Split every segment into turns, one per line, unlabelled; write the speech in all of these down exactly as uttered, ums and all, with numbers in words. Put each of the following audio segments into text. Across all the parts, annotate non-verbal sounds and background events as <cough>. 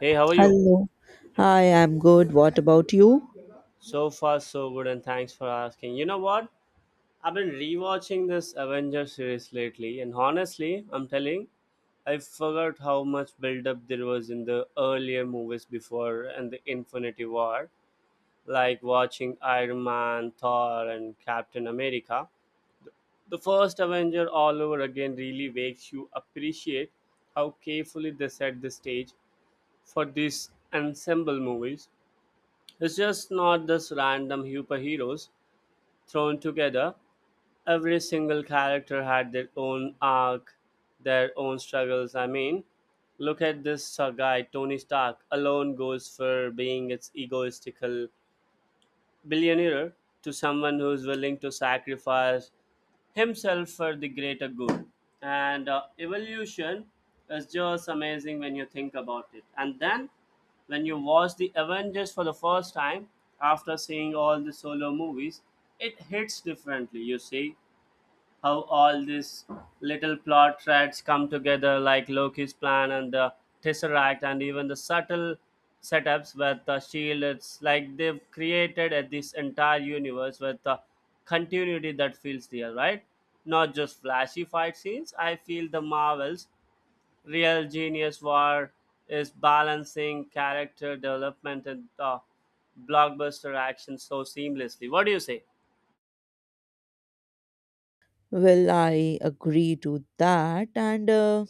Hey, how are you?
Hello. Hi, I'm good. What about you?
So far, so good, and thanks for asking. You know what? I've been rewatching this Avengers series lately, and honestly, I'm telling, I forgot how much build-up there was in the earlier movies before and the Infinity War, like watching Iron Man, Thor, and Captain America. The first Avenger all over again really makes you appreciate how carefully they set the stage for these ensemble movies. It's just not this random superheroes thrown together. Every single character had their own arc, their own struggles. I mean, look at this uh, guy, Tony Stark, alone goes for being its egoistical billionaire to someone who's willing to sacrifice himself for the greater good. And uh, evolution is just amazing when you think about it. And then when you watch the Avengers for the first time after seeing all the solo movies, it hits differently, you see how all these little plot threads come together, like Loki's plan and the Tesseract, and even the subtle setups with the shield. It's like they've created uh, this entire universe with the continuity that feels real, right? Not just flashy fight scenes. I feel the Marvels' real genius war is balancing character development and uh, blockbuster action so seamlessly. What do you say?
Well, I agree to that, and uh,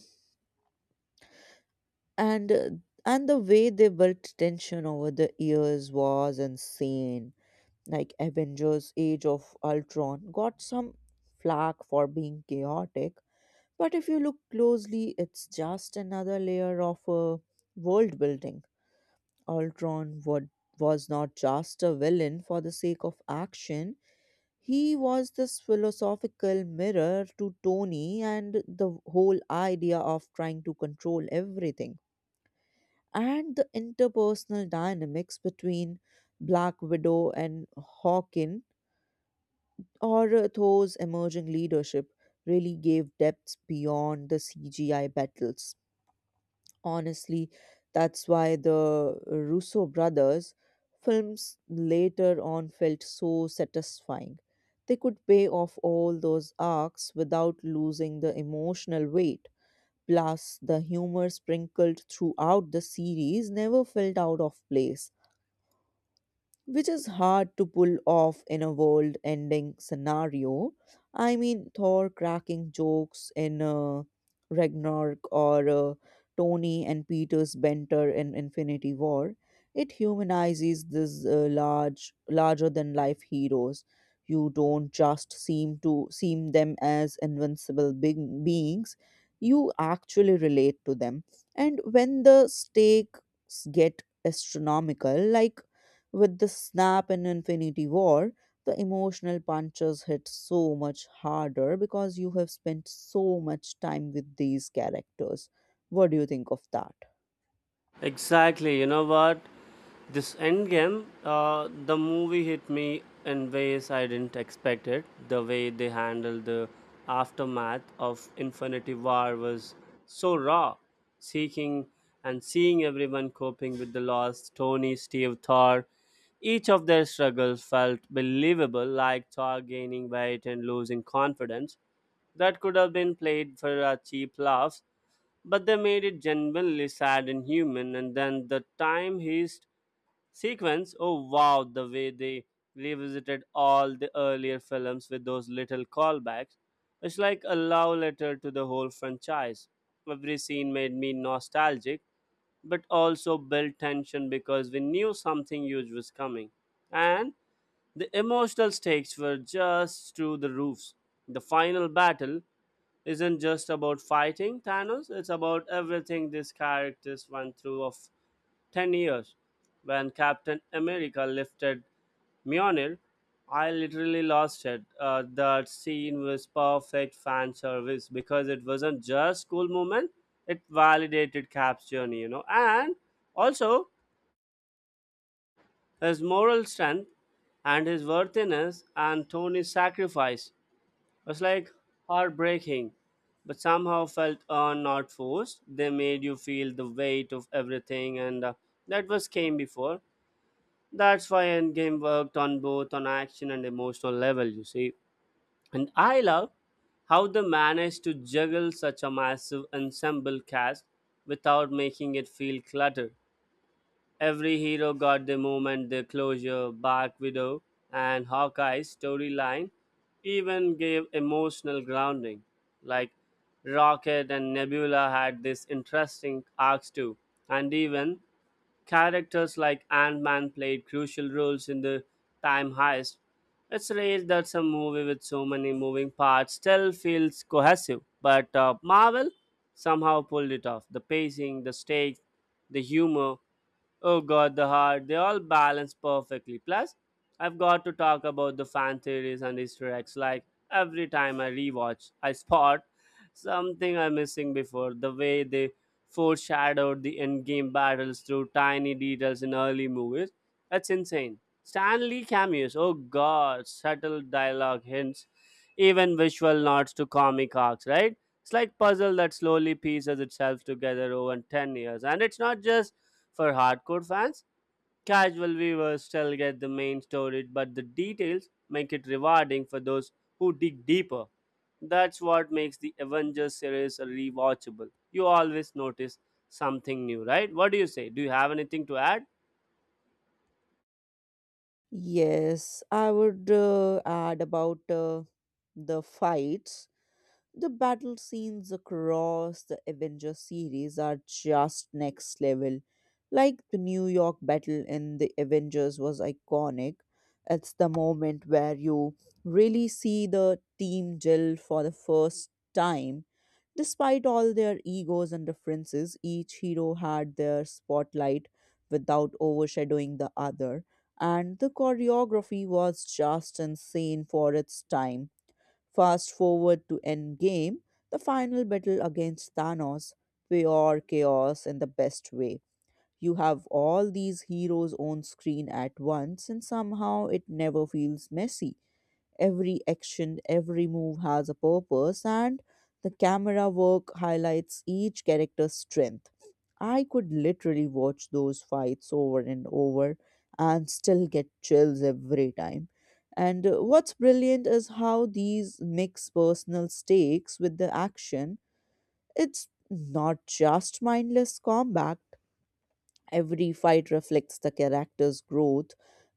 and uh, and the way they built tension over the years was insane. Like Avengers: Age of Ultron got some flack for being chaotic, but if you look closely, it's just another layer of uh, world building. Ultron would, was not just a villain for the sake of action. He was this philosophical mirror to Tony and the whole idea of trying to control everything. And the interpersonal dynamics between Black Widow and Hawkin, or uh, Thor's emerging leadership, really gave depths beyond the C G I battles. Honestly, that's why the Russo brothers' films later on felt so satisfying. They could pay off all those arcs without losing the emotional weight. Plus, the humor sprinkled throughout the series never felt out of place, which is hard to pull off in a world ending scenario. I mean, Thor cracking jokes in uh, Ragnarok or uh, Tony and Peter's banter in Infinity War. It humanizes these uh, large, larger than life heroes. You don't just seem to seem them as invincible big beings. You actually relate to them. And when the stakes get astronomical, like with the snap in Infinity War, the emotional punches hit so much harder because you have spent so much time with these characters. What do you think of that?
Exactly. You know what? This Endgame, uh, the movie hit me in ways I didn't expect it. The way they handled the aftermath of Infinity War was so raw. Seeking and seeing everyone coping with the loss, Tony, Steve, Thor, each of their struggles felt believable, like Thor gaining weight and losing confidence. That could have been played for a cheap laugh, but they made it genuinely sad and human. And then the time heist sequence, oh wow, the way they revisited all the earlier films with those little callbacks. It's like a love letter to the whole franchise. Every scene made me nostalgic, but also built tension because we knew something huge was coming. And the emotional stakes were just through the roofs. The final battle isn't just about fighting Thanos, it's about everything these characters went through of ten years. When Captain America lifted Mjolnir, I literally lost it. Uh, that scene was perfect fan service because it wasn't just cool moment; it validated Cap's journey, you know. And also, his moral strength and his worthiness and Tony's sacrifice was like heartbreaking, but somehow felt earned, not forced. They made you feel the weight of everything, and uh, that was came before. That's why Endgame worked on both on action and emotional level, you see. And I love how they managed to juggle such a massive ensemble cast without making it feel cluttered. Every hero got their moment, their closure. Black Widow and Hawkeye's storyline even gave emotional grounding. Like Rocket and Nebula had this interesting arcs too. And even characters like Ant Man played crucial roles in the time heist. It's rare that some movie with so many moving parts still feels cohesive, but uh, Marvel somehow pulled it off. The pacing, the stakes, the humor. Oh god, the heart. They all balance perfectly. Plus, I've got to talk about the fan theories and Easter eggs. Like every time I rewatch, I spot something I'm missing before. The way they foreshadowed the endgame battles through tiny details in early movies. That's insane. Stanley cameos. Oh god, subtle dialogue hints, even visual nods to comic arcs, right? It's like puzzle that slowly pieces itself together over ten years. And it's not just for hardcore fans, casual viewers still get the main story, but the details make it rewarding for those who dig deeper. That's what makes the Avengers series rewatchable. You always notice something new, right? What do you say? Do you have anything to add?
Yes, I would uh, add about uh, the fights. The battle scenes across the Avengers series are just next level. Like the New York battle in the Avengers was iconic. It's the moment where you really see the team gel for the first time. Despite all their egos and differences, each hero had their spotlight without overshadowing the other, and the choreography was just insane for its time Fast forward to Endgame, the final battle against Thanos, pure chaos in the best way. You have all these heroes on screen at once, and somehow it never feels messy. Every action, every move has a purpose, and the camera work highlights each character's strength. I could literally watch those fights over and over and still get chills every time. And uh, what's brilliant is how these mix personal stakes with the action. It's not just mindless combat, Every fight reflects the character's growth,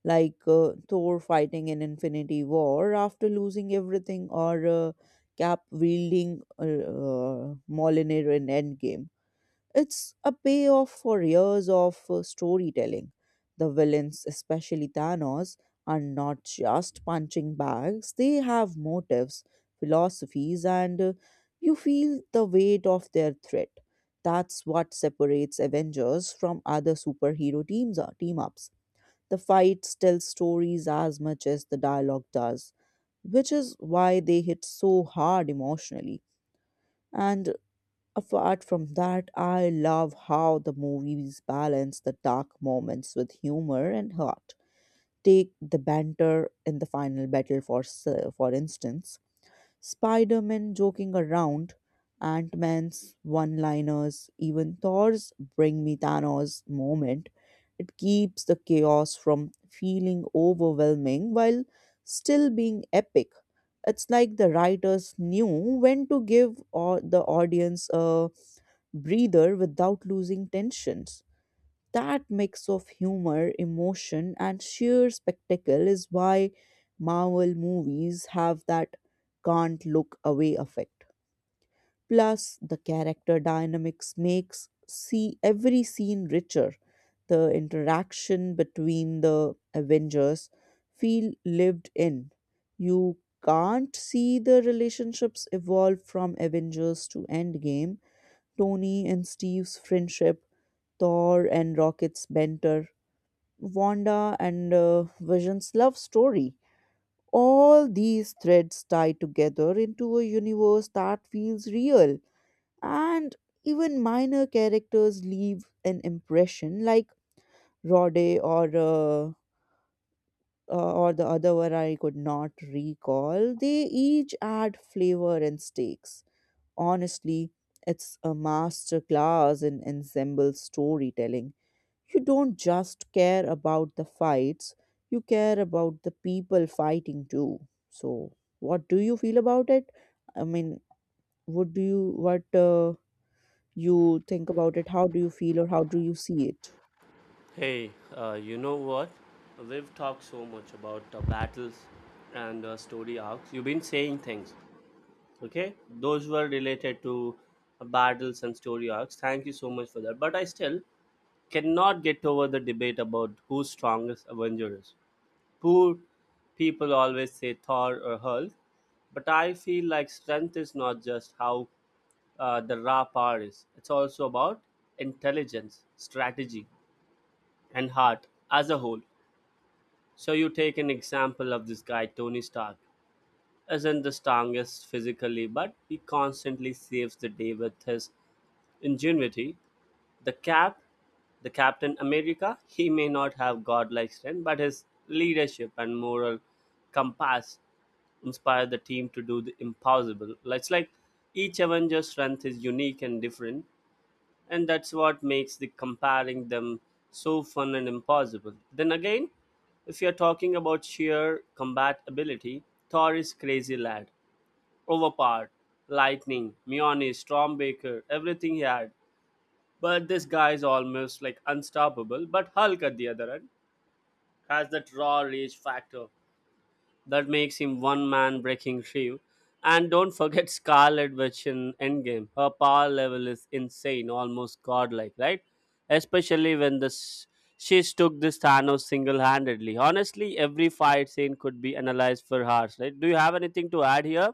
like uh, Thor fighting in Infinity War after losing everything, or uh, Cap wielding uh, uh, Mjolnir in Endgame. It's a payoff for years of uh, storytelling. The villains, especially Thanos, are not just punching bags, they have motives, philosophies, and uh, you feel the weight of their threat. That's what separates Avengers from other superhero teams or team ups. The fights tell stories as much as the dialogue does, which is why they hit so hard emotionally. And Apart from that, I love how the movies balance the dark moments with humor and heart. Take the banter in the final battle for s- for instance, Spider-Man joking around, Ant-Man's one-liners, even Thor's "Bring Me Thanos" moment. It keeps the chaos from feeling overwhelming while still being epic. It's like the writers knew when to give or the audience a breather without losing tensions. That mix of humor, emotion, and sheer spectacle is why Marvel movies have that can't look away effect. Plus, the character dynamics makes see every scene richer. The interaction between the Avengers feel lived in. You can't see the relationships evolve from Avengers to Endgame Tony and Steve's friendship, Thor and Rocket's banter, Wanda and uh, Vision's love story. All these threads tie together into a universe that feels real. And even minor characters leave an impression, like Rhodey or uh, uh, or the other one I could not recall. They each add flavor and stakes. Honestly, it's a master class in ensemble storytelling. You don't just care about the fights, you care about the people fighting too. So, what do you feel about it? I mean, what do you what uh, you think about it? How do you feel or how do you see it?
Hey, uh, you know what? We've talked so much about the battles and uh, story arcs. You've been saying things, okay? Those were related to uh, battles and story arcs. Thank you so much for that. But I still cannot get over the debate about who's strongest Avenger is. Poor people always say Thor or Hulk, but I feel like strength is not just how uh, the raw power is. It's also about intelligence, strategy, and heart as a whole. So you take an example of this guy Tony Stark. Isn't the strongest physically, but he constantly saves the day with his ingenuity. The Cap, the Captain America, he may not have godlike strength, but his leadership and moral compass inspire the team to do the impossible. It's like each Avenger's strength is unique and different, and that's what makes the comparing them so fun and impossible. Then again, if you're talking about sheer combat ability, Thor is crazy lad, overpowered, lightning, Mjolnir, Stormbreaker, everything he had. But this guy is almost like unstoppable. But Hulk at the other end has that raw rage factor that makes him one man breaking through. And don't forget <laughs> Scarlet Witch in Endgame. Her power level is insane, almost godlike, right? Especially when this she took this Thanos single-handedly. Honestly, every fight scene could be analyzed for hours, right? Do you have anything to add here?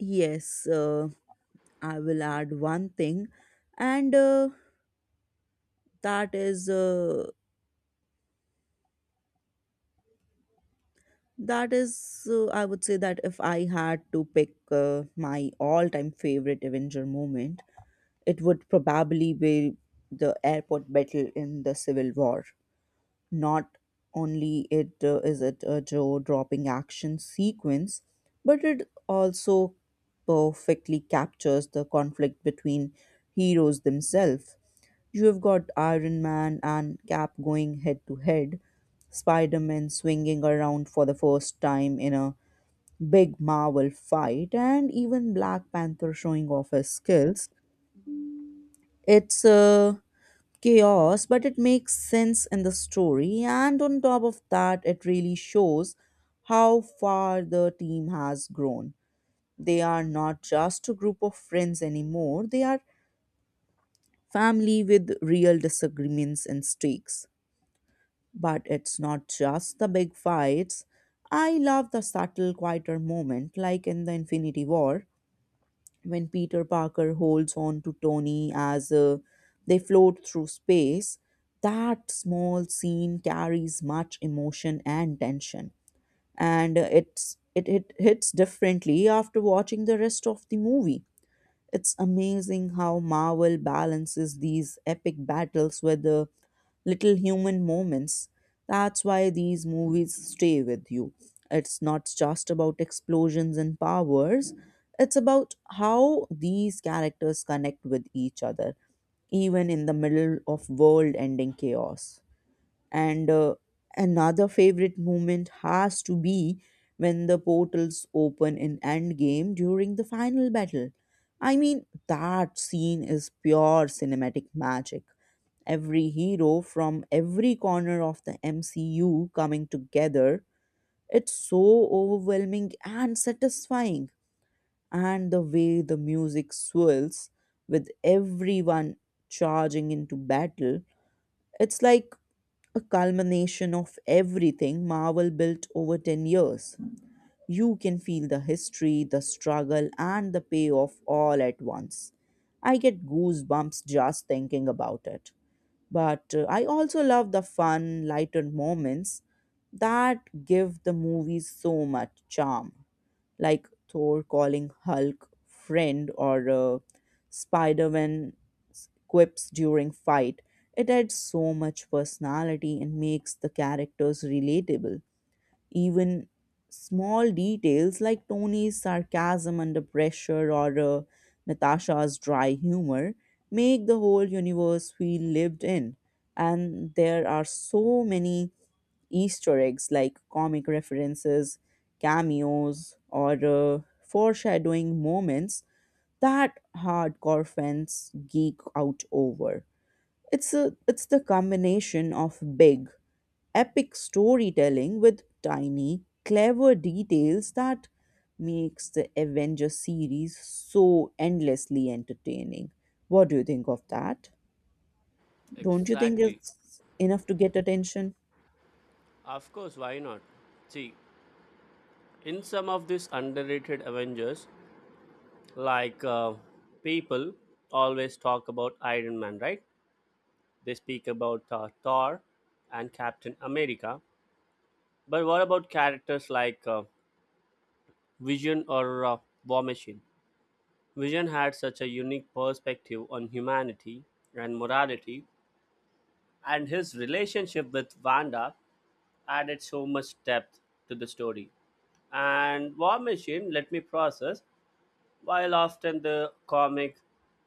Yes, uh, I will add one thing, and uh, that is uh, That is, uh, I would say that if I had to pick uh, my all time favorite Avenger moment, it would probably be the airport battle in the Civil War. Not only it uh, is it a jaw dropping action sequence, but it also perfectly captures the conflict between heroes themselves. You have got Iron Man and Cap going head to head, Spider Man swinging around for the first time in a big Marvel fight, and even Black Panther showing off his skills. It's uh, chaos, but it makes sense in the story, and on top of that, it really shows how far the team has grown. They are not just a group of friends anymore, they are family with real disagreements and stakes. But it's not just the big fights. I love the subtle, quieter moment, like in the Infinity War, when Peter Parker holds on to Tony as uh, they float through space. That small scene carries much emotion and tension, and uh, it's it, it hits differently after watching the rest of the movie. It's amazing how Marvel balances these epic battles with the little human moments. That's why these movies stay with you. It's not just about explosions and powers, it's about how these characters connect with each other, even in the middle of world ending chaos. And uh, another favorite moment has to be when the portals open in Endgame during the final battle. I mean, that scene is pure cinematic magic. Every hero from every corner of the M C U coming together. It's so overwhelming and satisfying. And the way the music swirls with everyone charging into battle, it's like a culmination of everything Marvel built over ten years. You can feel the history, the struggle, and the payoff all at once. I get goosebumps just thinking about it. But uh, I also love the fun, lighter moments that give the movies so much charm, like Thor calling Hulk friend or uh, Spider man quips during fight. It adds so much personality and makes the characters relatable. Even small details like Tony's sarcasm under pressure or uh, Natasha's dry humor make the whole universe feel lived in. And there are so many Easter eggs like comic references, cameos, or uh, foreshadowing moments that hardcore fans geek out over. It's a it's the combination of big, epic storytelling with tiny, clever details that makes the Avengers series so endlessly entertaining. What do you think of that? Don't you think
Exactly.
it's enough to get attention?
Of course, why not? See, in some of these underrated Avengers, like uh, people always talk about Iron Man, right? They speak about uh, Thor and Captain America, but what about characters like uh, Vision or uh, War Machine? Vision had such a unique perspective on humanity and morality, and his relationship with Wanda added so much depth to the story. And War Machine, let me process. While often the comic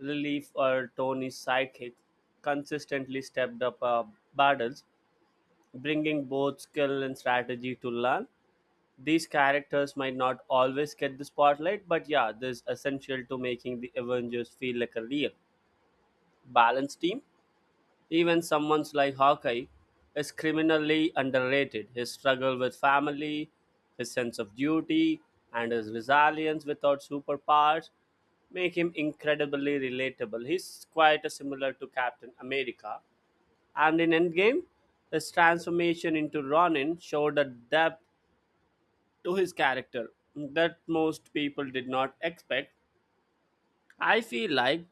relief or Tony's sidekick, consistently stepped up uh, battles, bringing both skill and strategy to learn. These characters might not always get the spotlight, but yeah, this is essential to making the Avengers feel like a real, balanced team. Even someone's like Hawkeye is criminally underrated. His struggle with family, his sense of duty, and his resilience without superpowers make him incredibly relatable. He's quite similar to Captain America. And in Endgame, his transformation into Ronin showed a depth to his character that most people did not expect. I feel like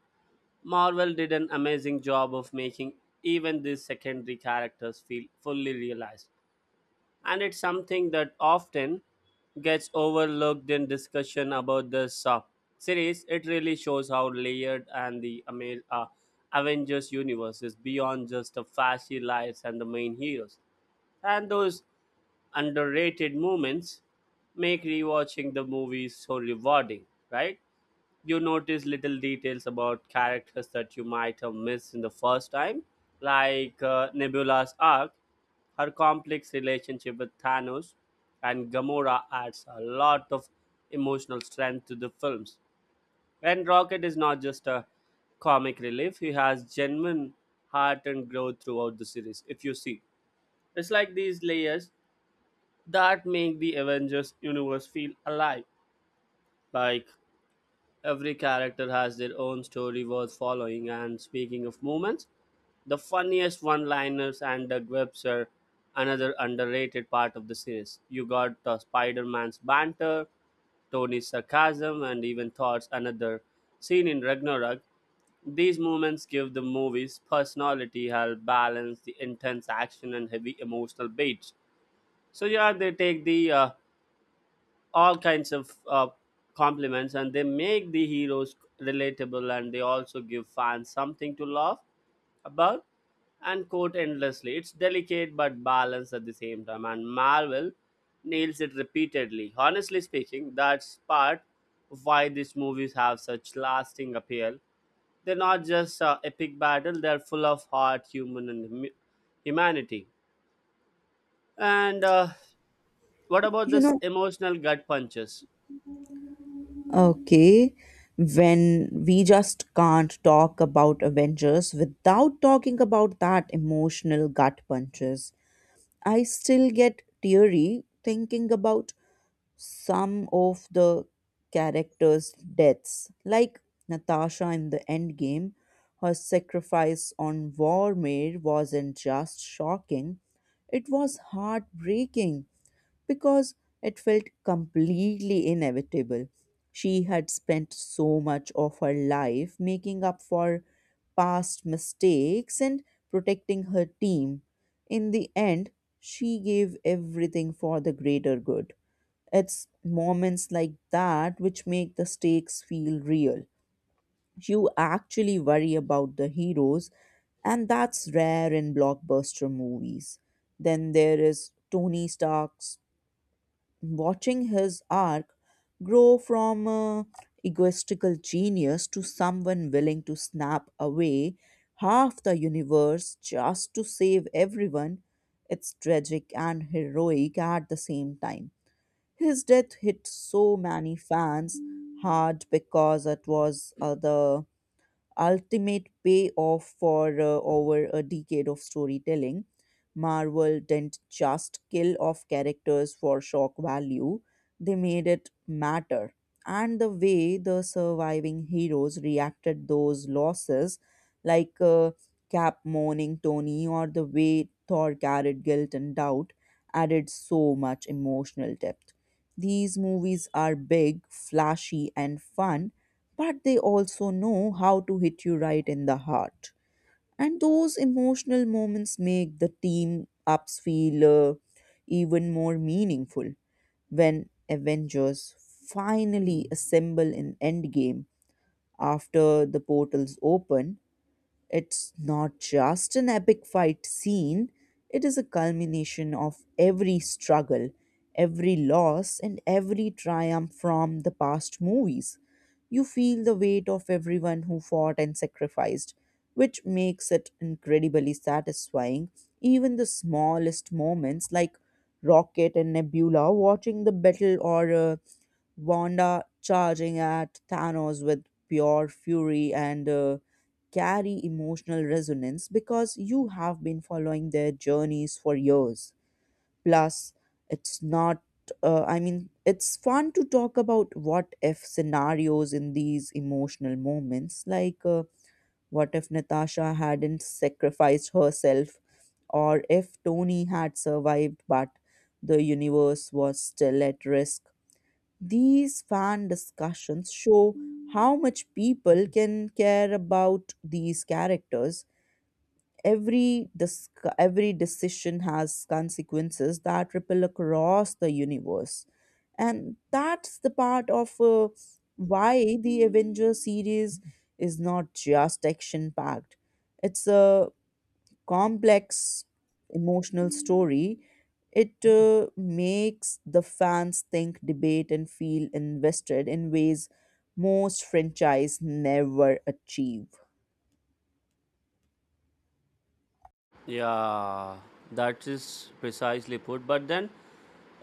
Marvel did an amazing job of making even these secondary characters feel fully realized. And it's something that often gets overlooked in discussion about this uh, series. It really shows how layered and the ama- uh, Avengers universe is beyond just the flashy lights and the main heroes. And those underrated moments make rewatching the movies so rewarding, right? You notice little details about characters that you might have missed in the first time, like uh, Nebula's arc, her complex relationship with Thanos, and Gamora adds a lot of emotional strength to the films. And Rocket is not just a comic relief, he has genuine heart and growth throughout the series, if you see. It's like these layers that make the Avengers universe feel alive. Like every character has their own story worth following, and speaking of moments, the funniest one liners and the quips are another underrated part of the series. You got uh, Spider Man's banter, Tony's sarcasm, and even Thor's another scene in Ragnarok. These moments give the movie's personality, help balance the intense action and heavy emotional beats. So, yeah, they take the uh, all kinds of uh, compliments and they make the heroes relatable and they also give fans something to laugh about and quote endlessly. It's delicate but balanced at the same time, and Marvel nails it repeatedly. Honestly speaking, that's part of why these movies have such lasting appeal. They're not just uh, epic battle; they're full of heart, human, and hum- humanity. And uh, what about
You
this
know,
emotional gut punches?
Okay, when we just can't talk about Avengers without talking about that emotional gut punches. I still get teary thinking about some of the characters' deaths, like Natasha in the Endgame. Her sacrifice on Vormir wasn't just shocking, it was heartbreaking because it felt completely inevitable. She had spent so much of her life making up for past mistakes and protecting her team. In the end, she gave everything for the greater good. It's moments like that which make the stakes feel real. You actually worry about the heroes, and that's rare in blockbuster movies. Then there is Tony Stark's watching his arc grow from a egoistical genius to someone willing to snap away half the universe just to save everyone. It's tragic and heroic at the same time. His death hit so many fans hard because it was uh, the ultimate payoff for uh, over a decade of storytelling. Marvel didn't just kill off characters for shock value, they made it matter. And the way the surviving heroes reacted those losses, like uh, Cap mourning Tony or the way Thor carried guilt and doubt, added so much emotional depth. These movies are big, flashy, and fun, but they also know how to hit you right in the heart. And those emotional moments make the team ups feel uh, even more meaningful. When Avengers finally assemble in Endgame after the portals open, it's not just an epic fight scene, it is a culmination of every struggle, every loss, and every triumph from the past movies. You feel the weight of everyone who fought and sacrificed, which makes it incredibly satisfying. Even the smallest moments, like Rocket and Nebula watching the battle, or uh, Wanda charging at Thanos with pure fury and uh, carry emotional resonance because you have been following their journeys for years. Plus, it's not, uh, I mean, it's fun to talk about what if scenarios in these emotional moments. Like, uh, what if Natasha hadn't sacrificed herself, or if Tony had survived but the universe was still at risk? These fan discussions show how much people can care about these characters. Every dis- every decision has consequences that ripple across the universe, and that's the part of uh, why the Avengers series is not just action packed. It's a complex emotional story. It uh, makes the fans think, debate, and feel invested in ways most franchise never achieve.
Yeah, that is precisely put. But then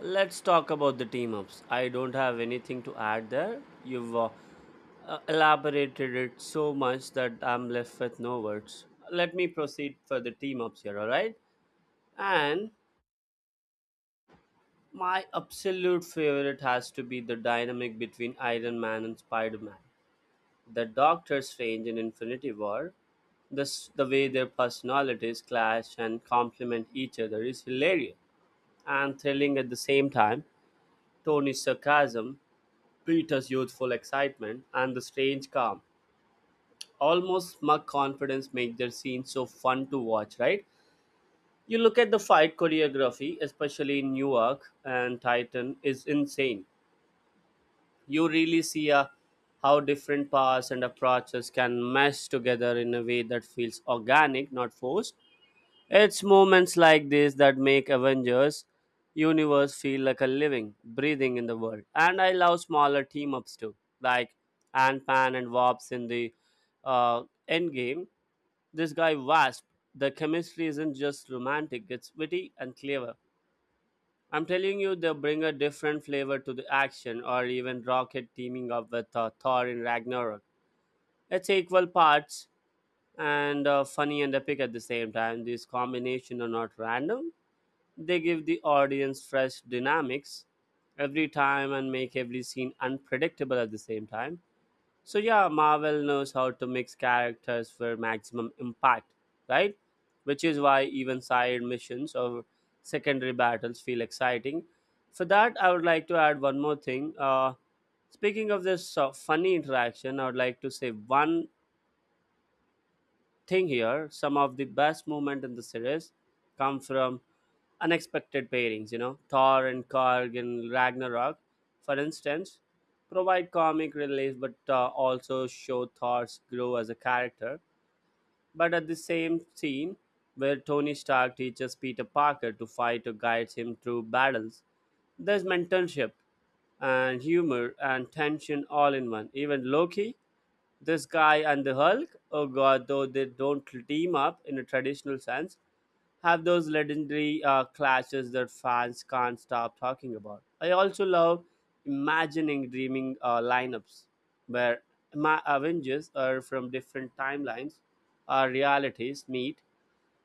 let's talk about the team ups. I don't have anything to add there. You've uh, uh, elaborated it so much that I'm left with no words. Let me proceed for the team ups here, all right? And my absolute favorite has to be the dynamic between Iron Man and Spider Man. The Doctor Strange in Infinity War, this the way their personalities clash and complement each other is hilarious and thrilling at the same time. Tony's sarcasm, Peter's youthful excitement, and the strange calm, almost smug confidence make their scenes so fun to watch, right? You look at the fight choreography, especially in Newark and Titan, is insane. You really see a, how different paths and approaches can mesh together in a way that feels organic, not forced. It's moments like this that make Avengers universe feel like a living, breathing in the world. And I love smaller team ups too, like Ant Man and Wasp in the uh, Endgame. This guy Wasp, the chemistry isn't just romantic; it's witty and clever. I'm telling you, they bring a different flavor to the action, or even Rocket teaming up with uh, Thor in Ragnarok. It's equal parts and uh, funny and epic at the same time. These combination are not random, they give the audience fresh dynamics every time and make every scene unpredictable at the same time. So, yeah, Marvel knows how to mix characters for maximum impact, right? Which is why even side missions or secondary battles feel exciting. For that, I would like to add one more thing. Uh, speaking of this uh, funny interaction, I would like to say one thing here. Some of the best moment in the series come from unexpected pairings you know Thor and Karg in Ragnarok, for instance, provide comic relief, but uh, also show Thor's grow as a character. But at the same scene where Tony Stark teaches Peter Parker to fight or guides him through battles, there's mentorship and humor and tension all in one. Even Loki, this guy, and the Hulk, oh god, though they don't team up in a traditional sense, have those legendary uh, clashes that fans can't stop talking about. I also love imagining dreaming uh, lineups where my Avengers are from different timelines or realities meet.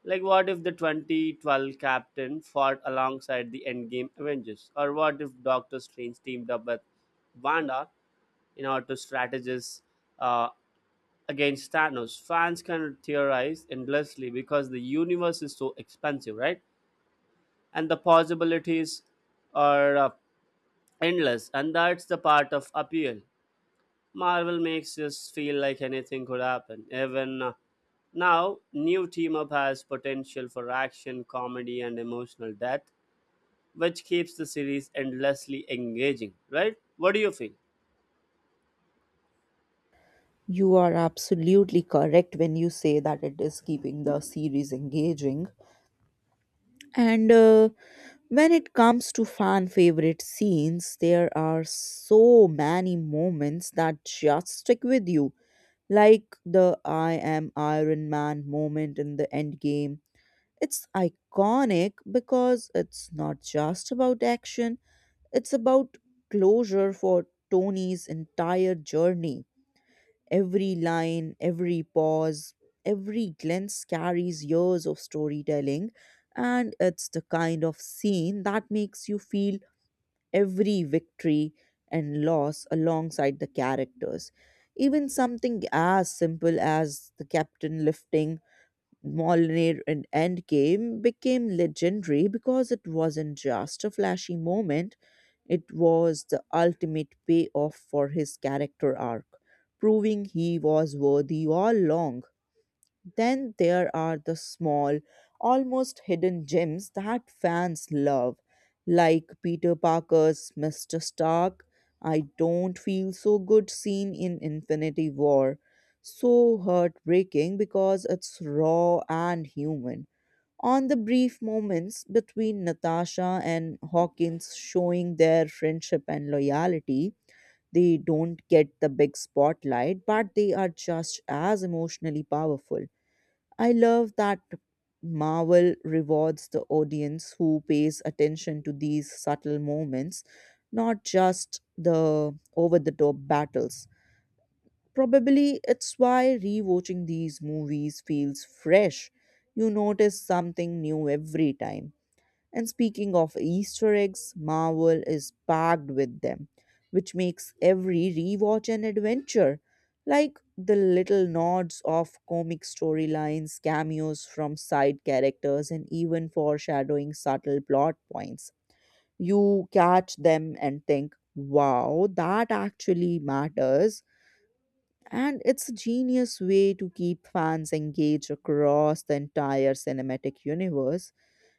Like, what if the twenty twelve Captain fought alongside the Endgame Avengers? Or what if Doctor Strange teamed up with Wanda in order to strategize uh, against Thanos? Fans can theorize endlessly because the universe is so expansive, right? And the possibilities are uh, endless, and that's the part of appeal. Marvel makes us feel like anything could happen. Even uh, now, new team up has potential for action, comedy, and emotional depth, which keeps the series endlessly engaging, right? What do you feel?
You are absolutely correct when you say that it is keeping the series engaging. And uh, when it comes to fan favorite scenes, there are so many moments that just stick with you, like the I am Iron Man moment in the end game. It's iconic because it's not just about action, it's about closure for Tony's entire journey. Every line, every pause, every glance carries years of storytelling, and it's the kind of scene that makes you feel every victory and loss alongside the characters. Even something as simple as the captain lifting Molnir in Endgame became legendary because it wasn't just a flashy moment, it was the ultimate payoff for his character arc, proving he was worthy all along. Then there are the small, almost hidden gems that fans love, like Peter Parker's mister Stark, I Don't Feel So Good scene in Infinity War. So heartbreaking because it's raw and human. On the brief moments between Natasha and Hawkins showing their friendship and loyalty, they don't get the big spotlight, but they are just as emotionally powerful. I love that Marvel rewards the audience who pays attention to these subtle moments, not just the over the top battles. Probably it's why rewatching these movies feels fresh. You notice something new every time. And speaking of Easter eggs, Marvel is packed with them, which makes every rewatch an adventure. Like the little nods of comic storylines, cameos from side characters, and even foreshadowing subtle plot points. You catch them and think, wow, that actually matters. And it's a genius way to keep fans engaged across the entire cinematic universe.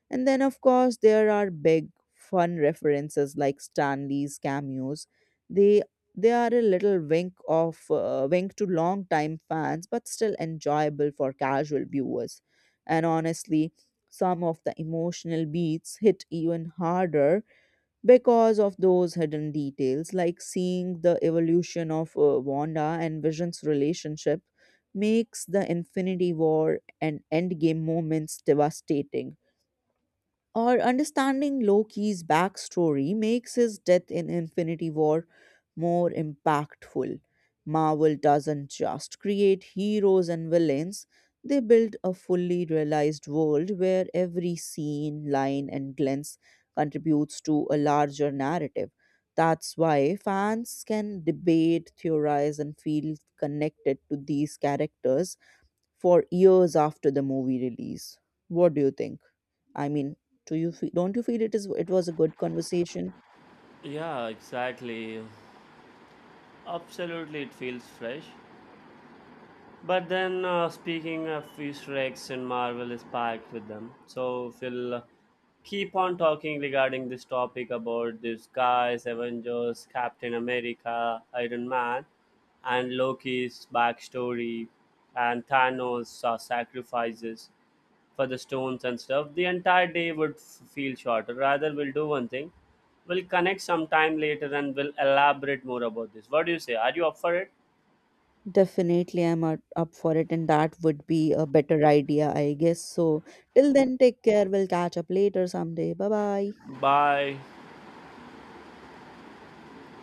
And then, of course, there are big, fun references like Stanley's cameos. They they are a little wink of uh, wink to long-time fans, but still enjoyable for casual viewers. And honestly, some of the emotional beats hit even harder because of those hidden details, like seeing the evolution of uh, Wanda and Vision's relationship makes the Infinity War and Endgame moments devastating, or understanding Loki's backstory makes his death in Infinity War more impactful. Marvel doesn't just create heroes and villains, they build a fully realized world where every scene, line, and glance contributes to a larger narrative. That's why fans can debate, theorize, and feel connected to these characters for years after the movie release. What do you think? I mean, do you feel, don't you feel it is it was a good conversation?
Yeah, exactly. Absolutely, it feels fresh. But then, uh, speaking of Easter eggs, and Marvel is packed with them. So we'll uh, keep on talking regarding this topic about these guys, Avengers, Captain America, Iron Man, and Loki's backstory, and Thanos' uh, sacrifices for the stones and stuff. The entire day would f- feel shorter. Rather, we'll do one thing. We'll connect sometime later and we'll elaborate more about this. What do you say? Are you up for it?
Definitely, I'm up up for it, and that would be a better idea, I guess. So, till then, take care. We'll catch up later someday. Bye bye.
Bye.